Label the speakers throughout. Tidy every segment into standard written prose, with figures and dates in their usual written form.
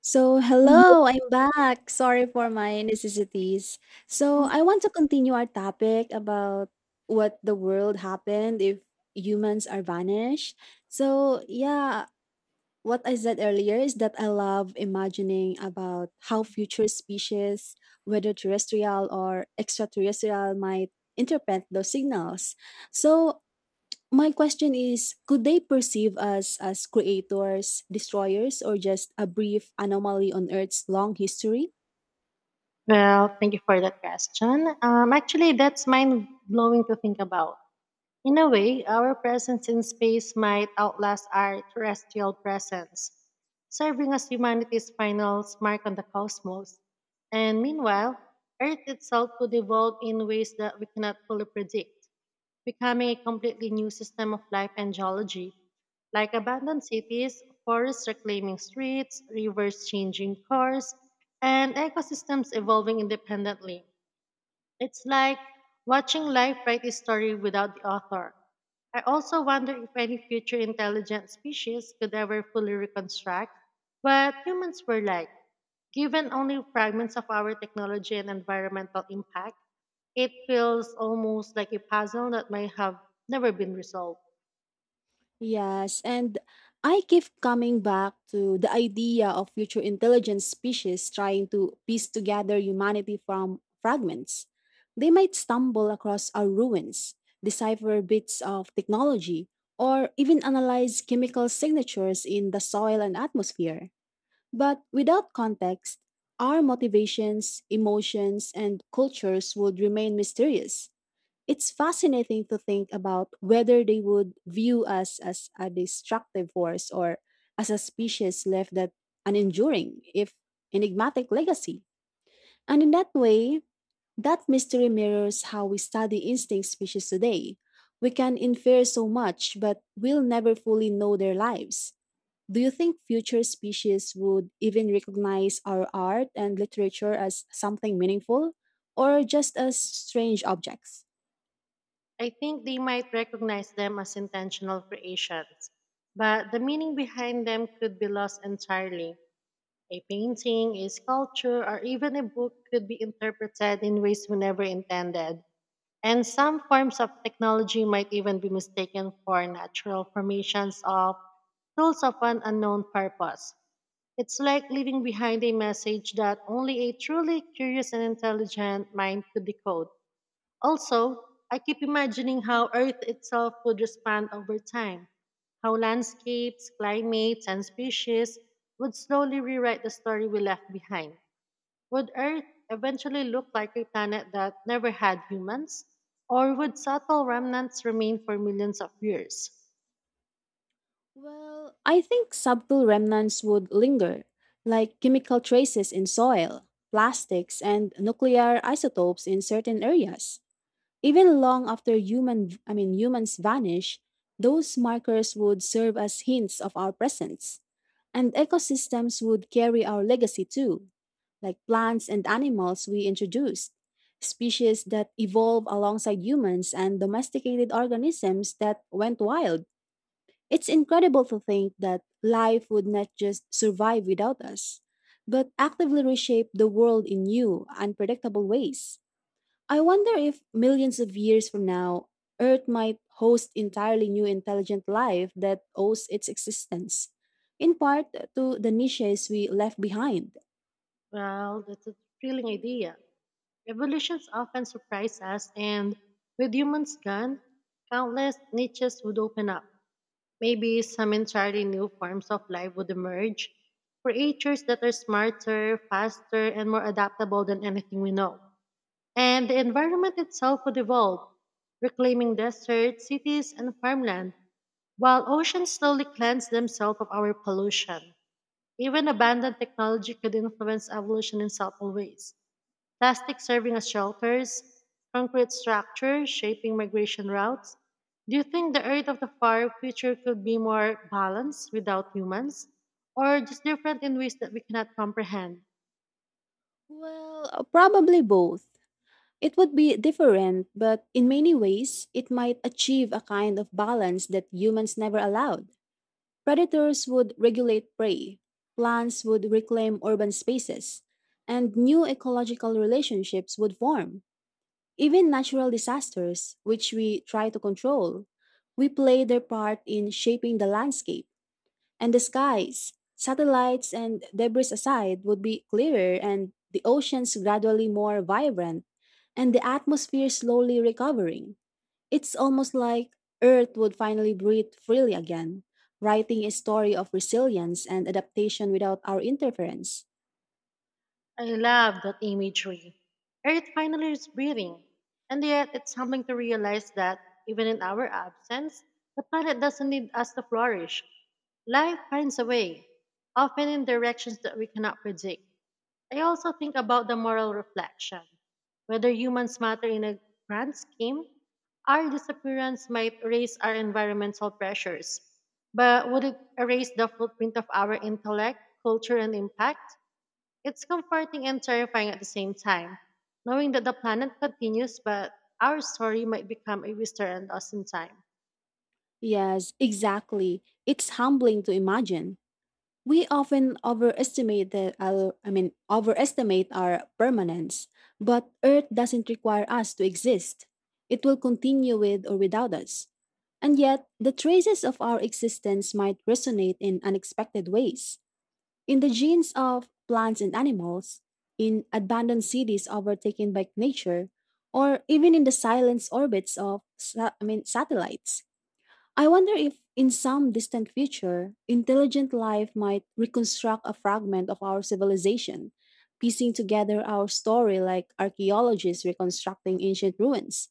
Speaker 1: So,
Speaker 2: Mhm.
Speaker 1: hello, I'm back. Sorry for my necessities. So, I want to continue our topic about what the world happened if humans are vanished. So, yeah, what I said earlier is that I love imagining about how future species, whether terrestrial or extraterrestrial, might interpret those signals. So, my question is, could they perceive us as creators, destroyers, or just a brief anomaly on Earth's long history?
Speaker 2: Well, thank you for that question. That's mind blowing to think about. In a way, our presence in space might outlast our terrestrial presence, serving as humanity's final mark on the cosmos. And meanwhile, Earth itself could evolve in ways that we cannot fully predict, becoming a completely new system of life and geology, like abandoned cities, forests reclaiming streets, rivers changing course, and ecosystems evolving independently. It's like watching life write a story without the author. I also wonder if any future intelligent species could ever fully reconstruct what humans were like, given only fragments of our technology and environmental impact. It feels almost like a puzzle that might have never been resolved.
Speaker 1: Yes, and I keep coming back to the idea of future intelligent species trying to piece together humanity from fragments. They might stumble across our ruins, decipher bits of technology, or even analyze chemical signatures in the soil and atmosphere. But without context, our motivations, emotions, and cultures would remain mysterious. It's fascinating to think about whether they would view us as a destructive force or as a species left that an enduring, if enigmatic, legacy. And in that way, that mystery mirrors how we study instinct species today. We can infer so much, but we'll never fully know their lives. Do you think future species would even recognize our art and literature as something meaningful, or just as strange objects?
Speaker 2: I think they might recognize them as intentional creations, but the meaning behind them could be lost entirely. A painting, a sculpture, or even a book could be interpreted in ways we never intended. And some forms of technology might even be mistaken for natural formations of tools of an unknown purpose. It's like leaving behind a message that only a truly curious and intelligent mind could decode. Also, I keep imagining how Earth itself would respond over time, how landscapes, climates, and species would slowly rewrite the story we left behind. Would Earth eventually look like a planet that never had humans? Or would subtle remnants remain for millions of years?
Speaker 1: Well, I think subtle remnants would linger, like chemical traces in soil, plastics, and nuclear isotopes in certain areas. Even long after humans vanish, those markers would serve as hints of our presence. And ecosystems would carry our legacy too, like plants and animals we introduced, species that evolved alongside humans and domesticated organisms that went wild. It's incredible to think that life would not just survive without us, but actively reshape the world in new, unpredictable ways. I wonder if millions of years from now, Earth might host entirely new intelligent life that owes its existence, in part to the niches we left behind.
Speaker 2: Well, that's a thrilling idea. Evolutions often surprise us, and with humans gone, countless niches would open up. Maybe some entirely new forms of life would emerge, creatures that are smarter, faster, and more adaptable than anything we know. And the environment itself would evolve, reclaiming deserts, cities, and farmland, while oceans slowly cleanse themselves of our pollution. Even abandoned technology could influence evolution in subtle ways. Plastic serving as shelters, concrete structures shaping migration routes. Do you think the Earth of the far future could be more balanced without humans, or just different in ways that we cannot comprehend?
Speaker 1: Well, probably both. It would be different, but in many ways, it might achieve a kind of balance that humans never allowed. Predators would regulate prey, plants would reclaim urban spaces, and new ecological relationships would form. Even natural disasters, which we try to control, we play their part in shaping the landscape and the skies. Satellites and debris aside would be clearer and the oceans gradually more vibrant and the atmosphere slowly recovering. It's almost like Earth would finally breathe freely again, writing a story of resilience and adaptation without our interference.
Speaker 2: I love that imagery. Earth finally is breathing. And yet, it's humbling to realize that, even in our absence, the planet doesn't need us to flourish. Life finds a way, often in directions that we cannot predict. I also think about the moral reflection. Whether humans matter in a grand scheme, our disappearance might raise our environmental pressures. But would it erase the footprint of our intellect, culture, and impact? It's comforting and terrifying at the same time, knowing that the planet continues, but our story might become a whisper and us in time.
Speaker 1: Yes, exactly. It's humbling to imagine. We often overestimate that our I mean overestimate our permanence, but Earth doesn't require us to exist. It will continue with or without us. And yet, the traces of our existence might resonate in unexpected ways. In the genes of plants and animals, in abandoned cities overtaken by nature, or even in the silence orbits of satellites. I wonder if, in some distant future, intelligent life might reconstruct a fragment of our civilization, piecing together our story like archaeologists reconstructing ancient ruins.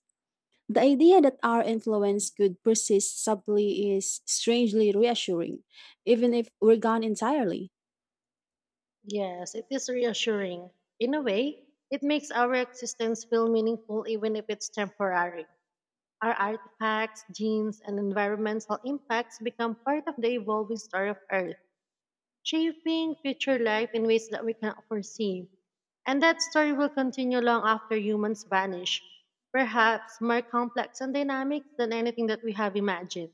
Speaker 1: The idea that our influence could persist subtly is strangely reassuring, even if we're gone entirely.
Speaker 2: Yes, it is reassuring. In a way, it makes our existence feel meaningful even if it's temporary. Our artifacts, genes, and environmental impacts become part of the evolving story of Earth, shaping future life in ways that we cannot foresee. And that story will continue long after humans vanish, perhaps more complex and dynamic than anything that we have imagined.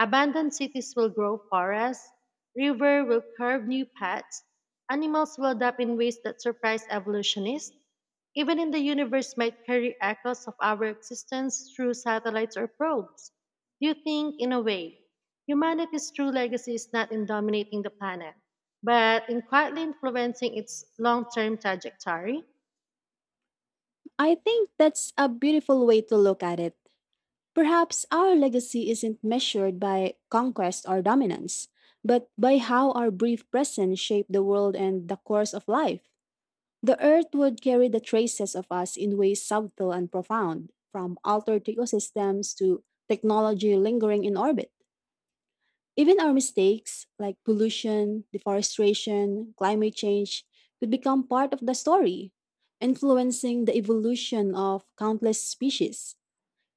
Speaker 2: Abandoned cities will grow forests, river will carve new paths, animals will adapt in ways that surprise evolutionists. Even in the universe might carry echoes of our existence through satellites or probes. Do you think, in a way, humanity's true legacy is not in dominating the planet, but in quietly influencing its long term trajectory?
Speaker 1: I think that's a beautiful way to look at it. Perhaps our legacy isn't measured by conquest or dominance, but by how our brief presence shaped the world and the course of life. The earth would carry the traces of us in ways subtle and profound, from altered ecosystems to technology lingering in orbit. Even our mistakes, like pollution, deforestation, climate change, could become part of the story, influencing the evolution of countless species.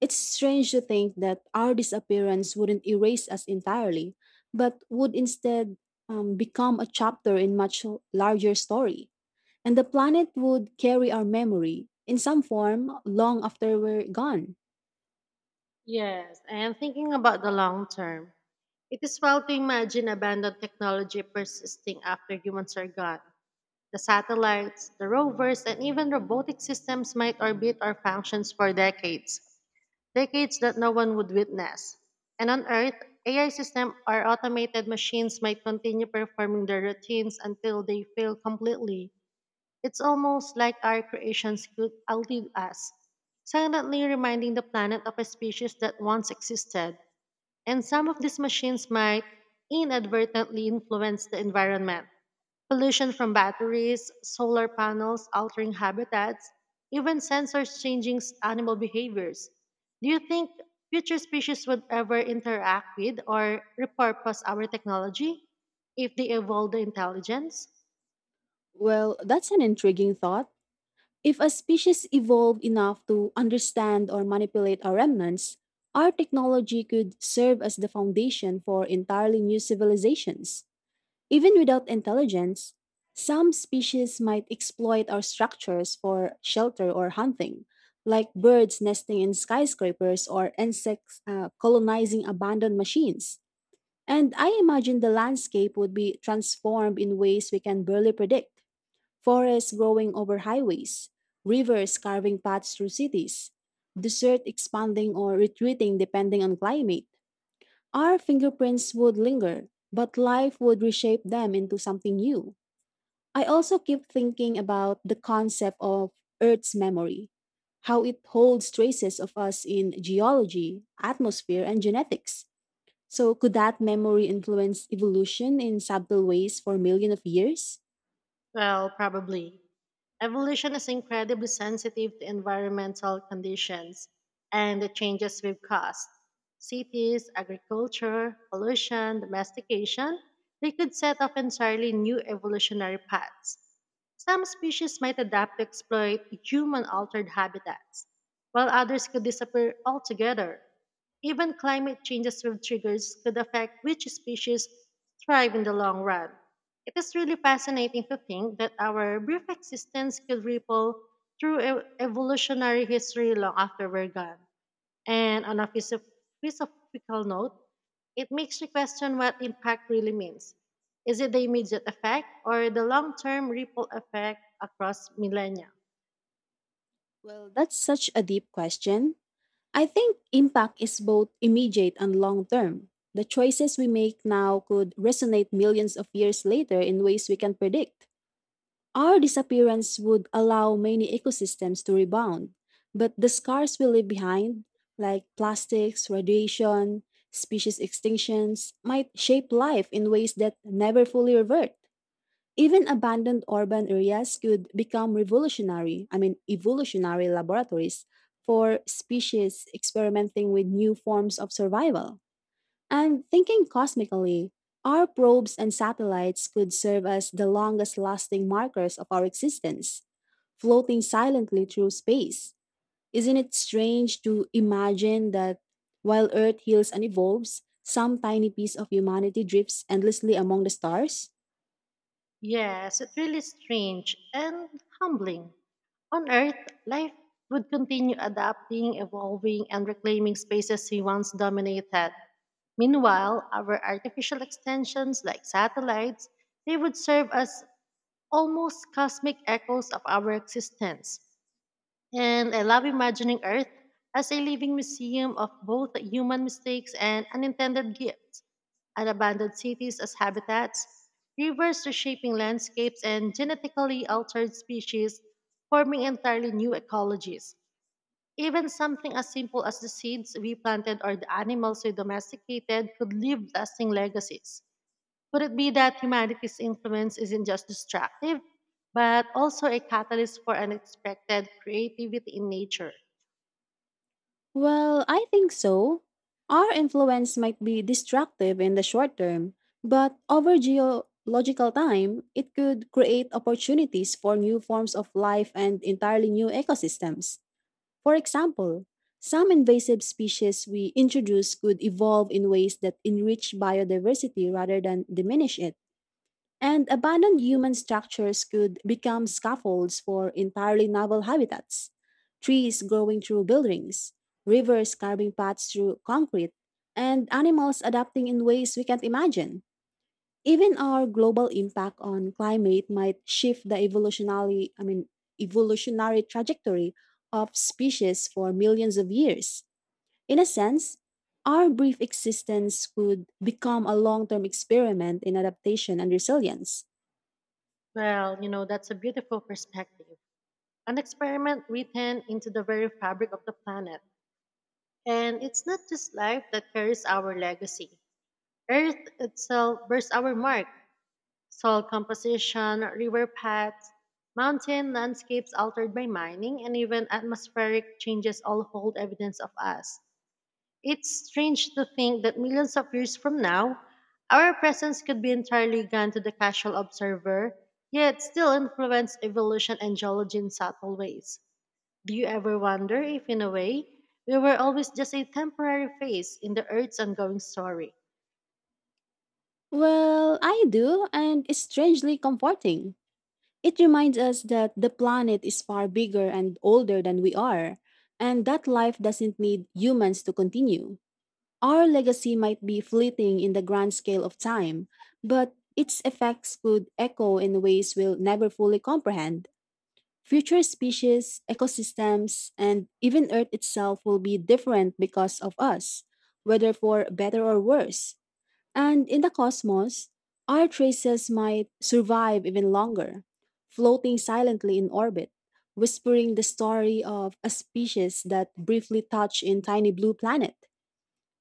Speaker 1: It's strange to think that our disappearance wouldn't erase us entirely, but would instead become a chapter in much larger story. And the planet would carry our memory in some form long after we're gone.
Speaker 2: Yes, I am thinking about the long term. It is well to imagine abandoned technology persisting after humans are gone. The satellites, the rovers, and even robotic systems might orbit our functions for decades, decades that no one would witness. And on Earth, AI systems or automated machines might continue performing their routines until they fail completely. It's almost like our creations could outlive us, silently reminding the planet of a species that once existed. And some of these machines might inadvertently influence the environment. Pollution from batteries, solar panels altering habitats, even sensors changing animal behaviors. Do you think future species would ever interact with or repurpose our technology if they evolve the intelligence?
Speaker 1: Well, that's an intriguing thought. If a species evolved enough to understand or manipulate our remnants, our technology could serve as the foundation for entirely new civilizations. Even without intelligence, some species might exploit our structures for shelter or hunting, like birds nesting in skyscrapers or insects colonizing abandoned machines. And I imagine the landscape would be transformed in ways we can barely predict forests growing over highways, rivers carving paths through cities, desert expanding or retreating depending on climate. Our fingerprints would linger, but life would reshape them into something new. I also keep thinking about the concept of Earth's memory, how it holds traces of us in geology, atmosphere, and genetics. So, could that memory influence evolution in subtle ways for millions of years?
Speaker 2: Well, probably. Evolution is incredibly sensitive to environmental conditions and the changes we've caused. Cities, agriculture, pollution, domestication, they could set off entirely new evolutionary paths. Some species might adapt to exploit human altered habitats, while others could disappear altogether. Even climate changes with triggers could affect which species thrive in the long run. It is really fascinating to think that our brief existence could ripple through evolutionary history long after we're gone. And on a philosophical note, it makes me question what impact really means. Is it the immediate effect or the long term ripple effect across millennia?
Speaker 1: Well, that's such a deep question. I think impact is both immediate and long term. The choices we make now could resonate millions of years later in ways we can predict. Our disappearance would allow many ecosystems to rebound, but the scars we leave behind, like plastics, radiation, species extinctions, might shape life in ways that never fully revert. Even abandoned urban areas could become evolutionary laboratories for species experimenting with new forms of survival. And thinking cosmically, our probes and satellites could serve as the longest lasting markers of our existence, floating silently through space. Isn't it strange to imagine that while Earth heals and evolves, some tiny piece of humanity drifts endlessly among the stars?
Speaker 2: Yes, it's really strange and humbling. On Earth, life would continue adapting, evolving, and reclaiming spaces we once dominated. Meanwhile, our artificial extensions like satellites, they would serve as almost cosmic echoes of our existence. And I love imagining Earth as a living museum of both human mistakes and unintended gifts, and abandoned cities as habitats, rivers reshaping landscapes, and genetically altered species forming entirely new ecologies. Even something as simple as the seeds we planted or the animals we domesticated could leave lasting legacies. Could it be that humanity's influence isn't just destructive, but also a catalyst for unexpected creativity in nature?
Speaker 1: Well, I think so. Our influence might be destructive in the short term, but over geological time, it could create opportunities for new forms of life and entirely new ecosystems. For example, some invasive species we introduce could evolve in ways that enrich biodiversity rather than diminish it. And abandoned human structures could become scaffolds for entirely novel habitats. Trees growing through buildings, rivers carving paths through concrete, and animals adapting in ways we can't imagine. Even our global impact on climate might shift the evolutionary trajectory of species for millions of years. In a sense, our brief existence could become a long-term experiment in adaptation and resilience.
Speaker 2: Well, you know, that's a beautiful perspective. An experiment written into the very fabric of the planet. And it's not just life that carries our legacy. Earth itself bears our mark. Soil composition, river paths, mountain landscapes altered by mining, and even atmospheric changes all hold evidence of us. It's strange to think that millions of years from now, our presence could be entirely gone to the casual observer, yet still influence evolution and geology in subtle ways. Do you ever wonder if, in a way, we were always just a temporary phase in the Earth's ongoing story?
Speaker 1: Well, I do, and it's strangely comforting. It reminds us that the planet is far bigger and older than we are, and that life doesn't need humans to continue. Our legacy might be fleeting in the grand scale of time, but its effects could echo in ways we'll never fully comprehend. Future species, ecosystems, and even Earth itself will be different because of us, whether for better or worse. And in the cosmos, our traces might survive even longer, floating silently in orbit, whispering the story of a species that briefly touched in tiny blue planet.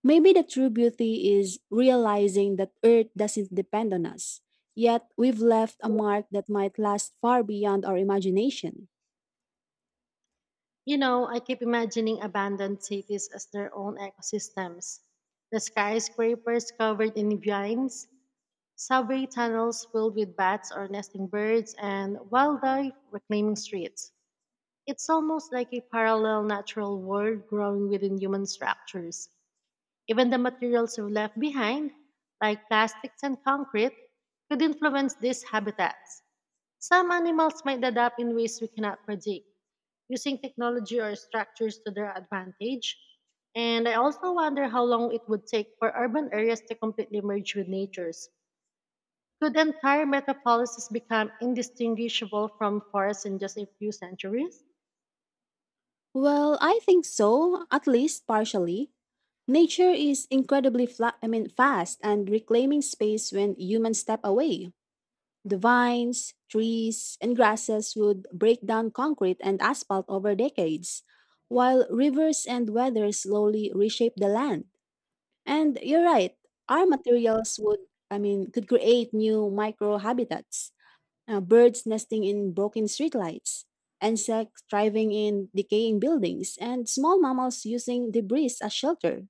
Speaker 1: Maybe the true beauty is realizing that Earth doesn't depend on us, yet we've left a mark that might last far beyond our imagination.
Speaker 2: You know, I keep imagining abandoned cities as their own ecosystems. The skyscrapers covered in vines, subway tunnels filled with bats or nesting birds, and wildlife reclaiming streets. It's almost like a parallel natural world growing within human structures. Even the materials we left behind, like plastics and concrete, could influence these habitats. Some animals might adapt in ways we cannot predict, using technology or structures to their advantage. And I also wonder how long it would take for urban areas to completely merge with nature's. Could entire metropolises become indistinguishable from forests in just a few centuries?
Speaker 1: Well, I think so, at least partially. Nature is incredibly fast and reclaiming space when humans step away. The vines, trees, and grasses would break down concrete and asphalt over decades, while rivers and weather slowly reshape the land. And you're right, our materials could create new micro habitats. Birds nesting in broken streetlights, insects thriving in decaying buildings, and small mammals using debris as shelter.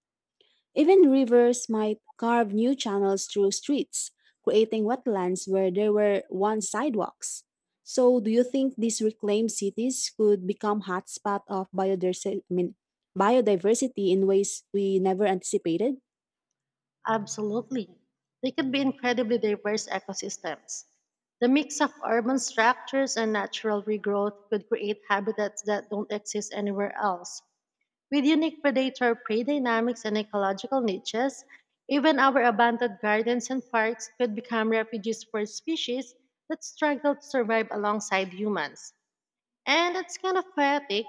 Speaker 1: Even rivers might carve new channels through streets, creating wetlands where there were once sidewalks. So, do you think these reclaimed cities could become hotspots of biodiversity in ways we never anticipated?
Speaker 2: Absolutely. They could be incredibly diverse ecosystems. The mix of urban structures and natural regrowth could create habitats that don't exist anywhere else. With unique predator prey dynamics and ecological niches, even our abandoned gardens and parks could become refuges for species that struggle to survive alongside humans. And it's kind of poetic.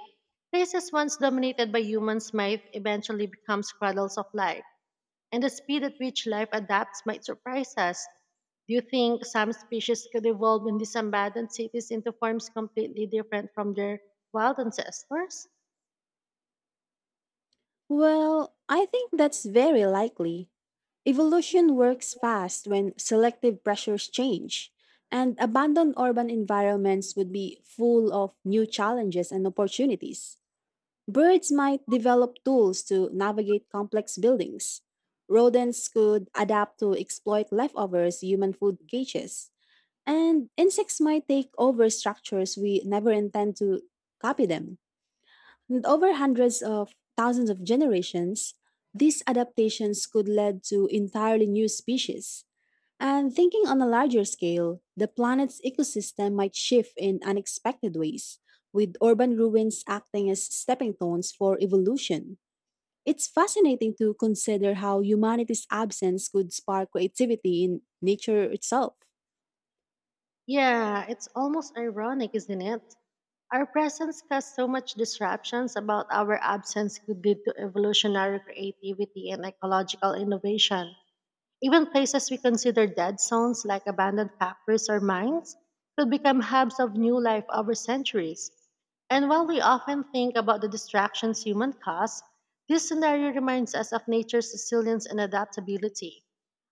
Speaker 2: Places once dominated by humans might eventually become cradles of life, and the speed at which life adapts might surprise us. Do you think some species could evolve in these abandoned cities into forms completely different from their wild ancestors?
Speaker 1: Well, I think that's very likely. Evolution works fast when selective pressures change, and abandoned urban environments would be full of new challenges and opportunities. Birds might develop tools to navigate complex buildings. Rodents could adapt to exploit leftovers, human food cages. And insects might take over structures we never intend to copy them. And over hundreds of thousands of generations, these adaptations could lead to entirely new species. And thinking on a larger scale, the planet's ecosystem might shift in unexpected ways, with urban ruins acting as stepping stones for evolution. It's fascinating to consider how humanity's absence could spark creativity in nature itself.
Speaker 2: Yeah, it's almost ironic, isn't it? Our presence caused so much disruptions about our absence could lead to evolutionary creativity and ecological innovation. Even places we consider dead zones, like abandoned factories or mines, could become hubs of new life over centuries. And while we often think about the distractions human cause, this scenario reminds us of nature's resilience and adaptability.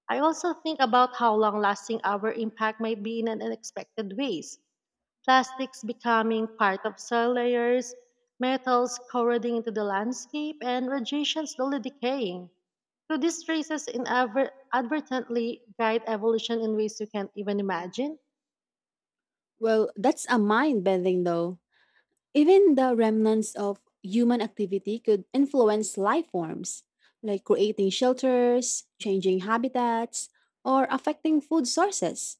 Speaker 2: I also think about how long lasting our impact might be in an unexpected ways: plastics becoming part of soil layers, metals corroding into the landscape, and radiation slowly decaying. So these traces inadvertently guide evolution in ways you can't even imagine.
Speaker 1: Well, that's a mind bending though. Even the remnants of human activity could influence life forms, like creating shelters, changing habitats, or affecting food sources.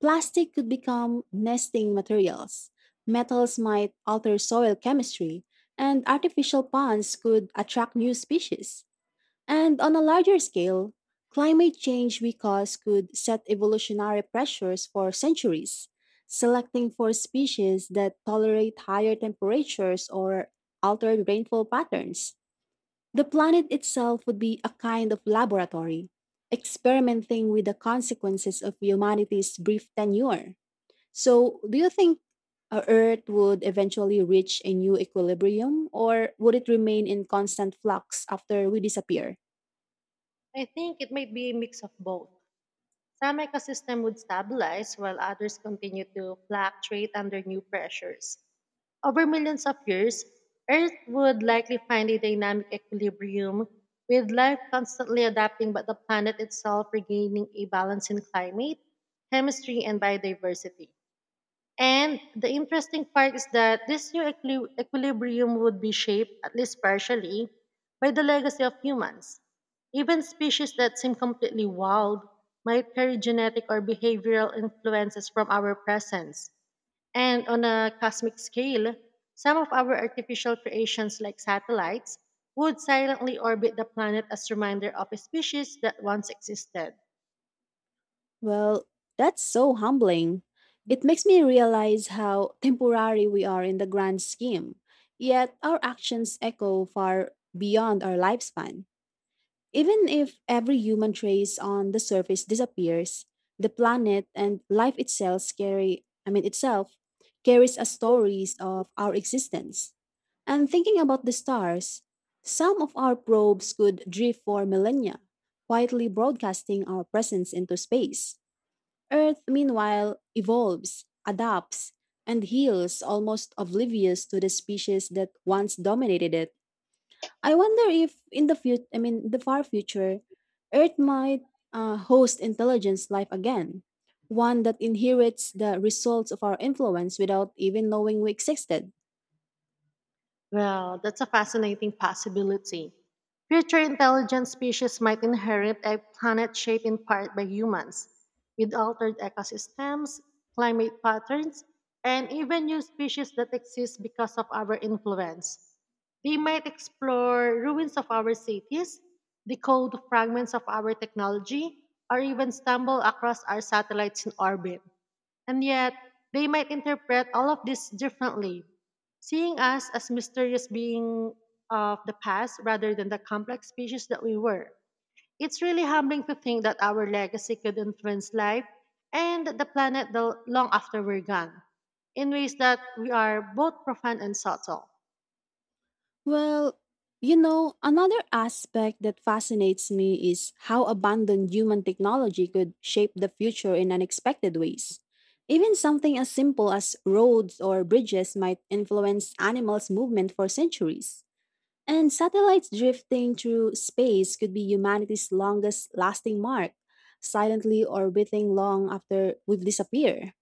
Speaker 1: Plastic could become nesting materials, metals might alter soil chemistry, and artificial ponds could attract new species. And on a larger scale, climate change we cause could set evolutionary pressures for centuries, selecting for species that tolerate higher temperatures or altered rainfall patterns. The planet itself would be a kind of laboratory, experimenting with the consequences of humanity's brief tenure. So, do you think Earth would eventually reach a new equilibrium, or would it remain in constant flux after we disappear?
Speaker 2: I think it might be a mix of both. Some ecosystems would stabilize while others continue to fluctuate under new pressures. Over millions of years, Earth would likely find a dynamic equilibrium, with life constantly adapting but the planet itself regaining a balance in climate, chemistry, and biodiversity. And the interesting part is that this new equilibrium would be shaped, at least partially, by the legacy of humans. Even species that seem completely wild might carry genetic or behavioral influences from our presence. And on a cosmic scale, some of our artificial creations, like satellites, would silently orbit the planet as reminder of a species that once existed.
Speaker 1: Well, that's so humbling. It makes me realize how temporary we are in the grand scheme, yet our actions echo far beyond our lifespan. Even if every human trace on the surface disappears, the planet and life itself carry, I mean itself, carries a stories of our existence. And thinking about the stars, some of our probes could drift for millennia, quietly broadcasting our presence into space. Earth, meanwhile, evolves, adapts, and heals almost oblivious to the species that once dominated it. I wonder if in the future, I mean, the far future, Earth might host intelligence life again, one that inherits the results of our influence without even knowing we existed.
Speaker 2: Well, that's a fascinating possibility. Future intelligent species might inherit a planet shaped in part by humans, with altered ecosystems, climate patterns, and even new species that exist because of our influence. They might explore ruins of our cities, decode fragments of our technology, or even stumble across our satellites in orbit. And yet, they might interpret all of this differently, seeing us as mysterious beings of the past rather than the complex species that we were. It's really humbling to think that our legacy could influence life and the planet the long after we're gone in ways that we are both profound and subtle.
Speaker 1: Well, you know, another aspect that fascinates me is how abundant human technology could shape the future in unexpected ways. Even something as simple as roads or bridges might influence animals' movement for centuries. And satellites drifting through space could be humanity's longest lasting mark, silently orbiting long after we've disappeared.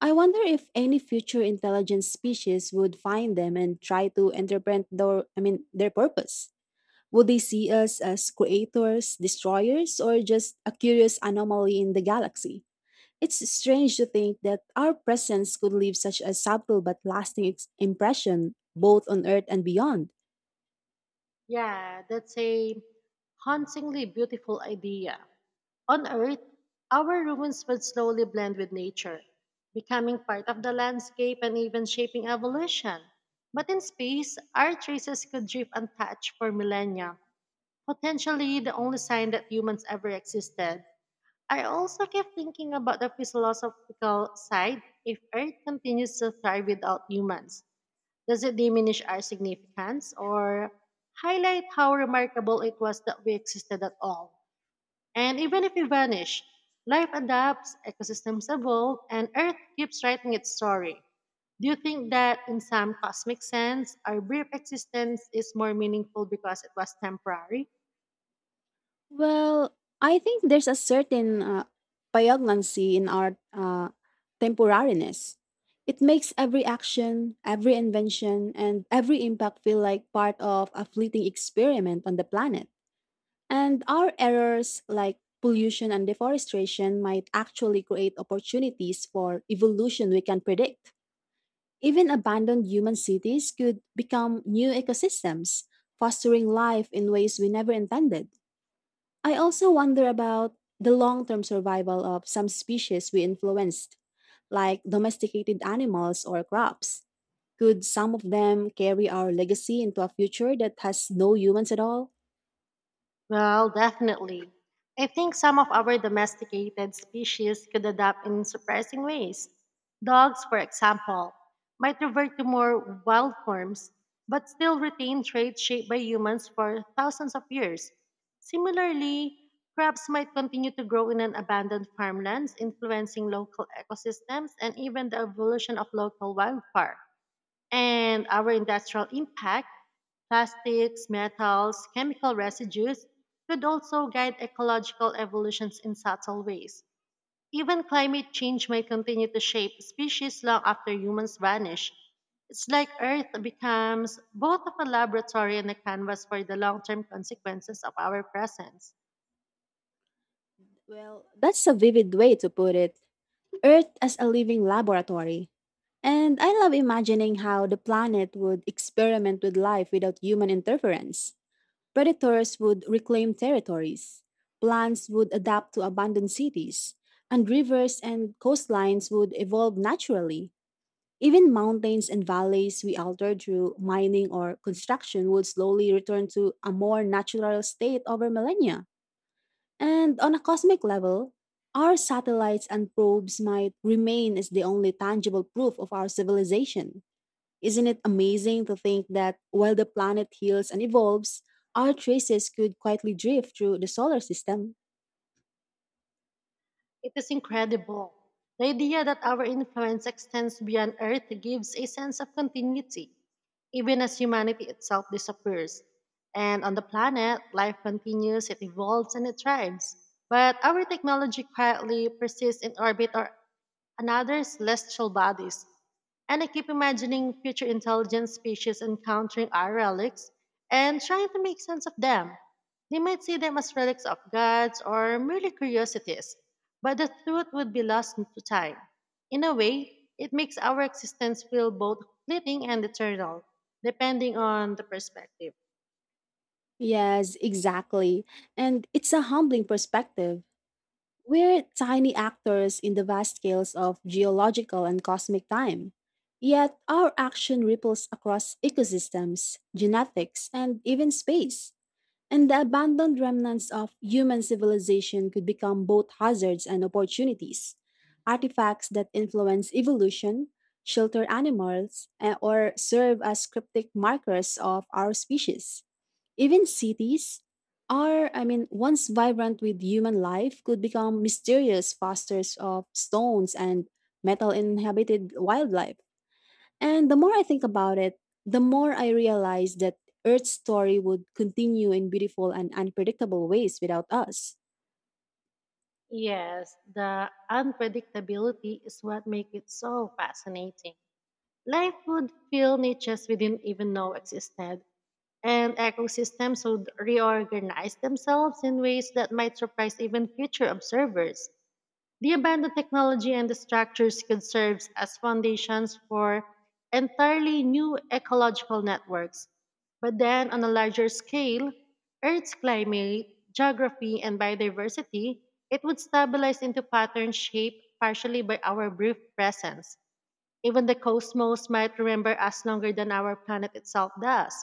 Speaker 1: I wonder if any future intelligent species would find them and try to interpret their I mean their purpose. Would they see us as creators, destroyers, or just a curious anomaly in the galaxy? It's strange to think that our presence could leave such a subtle but lasting impression both on Earth and beyond.
Speaker 2: Yeah, that's a hauntingly beautiful idea. On Earth, our ruins would slowly blend with nature, becoming part of the landscape and even shaping evolution. But in space, our traces could drift untouched for millennia, potentially the only sign that humans ever existed. I also kept thinking about the philosophical side. If Earth continues to thrive without humans, does it diminish our significance or highlight how remarkable it was that we existed at all? And even if we vanish, life adapts, ecosystems evolve, and Earth keeps writing its story. Do you think that, in some cosmic sense, our brief existence is more meaningful because it was temporary?
Speaker 1: Well, I think there's a certain poignancy in our temporariness. It makes every action, every invention, and every impact feel like part of a fleeting experiment on the planet. And our errors, like pollution and deforestation, might actually create opportunities for evolution we can predict. Even abandoned human cities could become new ecosystems, fostering life in ways we never intended. I also wonder about the long term survival of some species we influenced, like domesticated animals or crops. Could some of them carry our legacy into a future that has no humans at all?
Speaker 2: Well, definitely. I think some of our domesticated species could adapt in surprising ways. Dogs, for example, might revert to more wild forms, but still retain traits shaped by humans for thousands of years. Similarly, crabs might continue to grow in an abandoned farmlands, influencing local ecosystems and even the evolution of local wildfire and our industrial impact, plastics, metals, chemical residues, could also guide ecological evolutions in subtle ways. Even climate change might continue to shape species long after humans vanish. It's like Earth becomes both of a laboratory and a canvas for the long term consequences of our presence.
Speaker 1: Well, that's a vivid way to put it. Earth as a living laboratory. And I love imagining how the planet would experiment with life without human interference. Predators would reclaim territories, plants would adapt to abandoned cities, and rivers and coastlines would evolve naturally. Even mountains and valleys we altered through mining or construction would slowly return to a more natural state over millennia. And on a cosmic level, our satellites and probes might remain as the only tangible proof of our civilization. Isn't it amazing to think that while the planet heals and evolves, our traces could quietly drift through the solar system?
Speaker 2: It is incredible. The idea that our influence extends beyond Earth gives a sense of continuity, even as humanity itself disappears. And on the planet, life continues, it evolves, and it thrives. But our technology quietly persists in orbit or another celestial bodies. And I keep imagining future intelligent species encountering our relics and trying to make sense of them. They might see them as relics of gods or merely curiosities, but the truth would be lost to time. In a way, it makes our existence feel both fleeting and eternal, depending on the perspective.
Speaker 1: Yes, exactly. And it's a humbling perspective. We're tiny actors in the vast scales of geological and cosmic time. Yet our action ripples across ecosystems, genetics, and even space. And the abandoned remnants of human civilization could become both hazards and opportunities. Artifacts that influence evolution, shelter animals, or serve as cryptic markers of our species. Even cities, once vibrant with human life, could become mysterious fosters of stones and metal inhabited wildlife. And the more I think about it, the more I realize that Earth's story would continue in beautiful and unpredictable ways without us.
Speaker 2: Yes, the unpredictability is what makes it so fascinating. Life would fill niches we didn't even know existed, and ecosystems would reorganize themselves in ways that might surprise even future observers. The abandoned technology and the structures could serve as foundations for entirely new ecological networks. But then, on a larger scale, Earth's climate, geography, and biodiversity, it would stabilize into patterns shaped partially by our brief presence. Even the cosmos might remember us longer than our planet itself does.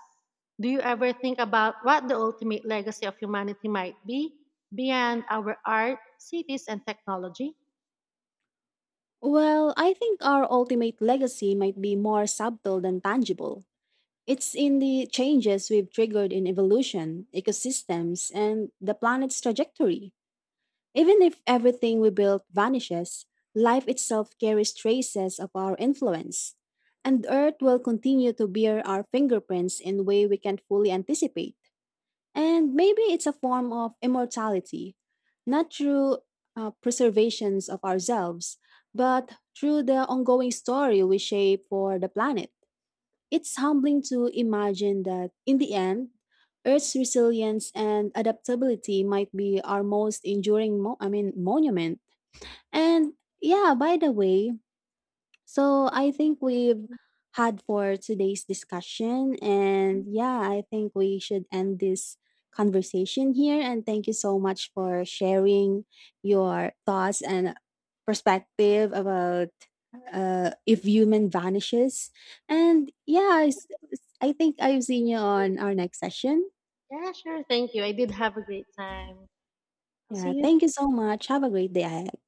Speaker 2: Do you ever think about what the ultimate legacy of humanity might be beyond our art, cities, and technology?
Speaker 1: Well, I think our ultimate legacy might be more subtle than tangible. It's in the changes we've triggered in evolution, ecosystems, and the planet's trajectory. Even if everything we built vanishes, life itself carries traces of our influence. And Earth will continue to bear our fingerprints in a way we can't fully anticipate. And maybe it's a form of immortality, not through preservations of ourselves, but through the ongoing story we shape for the planet. It's humbling to imagine that in the end, Earth's resilience and adaptability might be our most enduring, monument. And yeah, by the way, so I think we've had for today's discussion. And
Speaker 2: Mhm.
Speaker 1: yeah, I think we should end this conversation here. And thank you so much for sharing your thoughts and perspective about if human vanishes. And yeah, I think I've seen you on our next session.
Speaker 2: Yeah, sure. Thank you. I did have a great time. I'll see
Speaker 1: Yeah,
Speaker 2: you
Speaker 1: thank you so much. Have a great day ahead.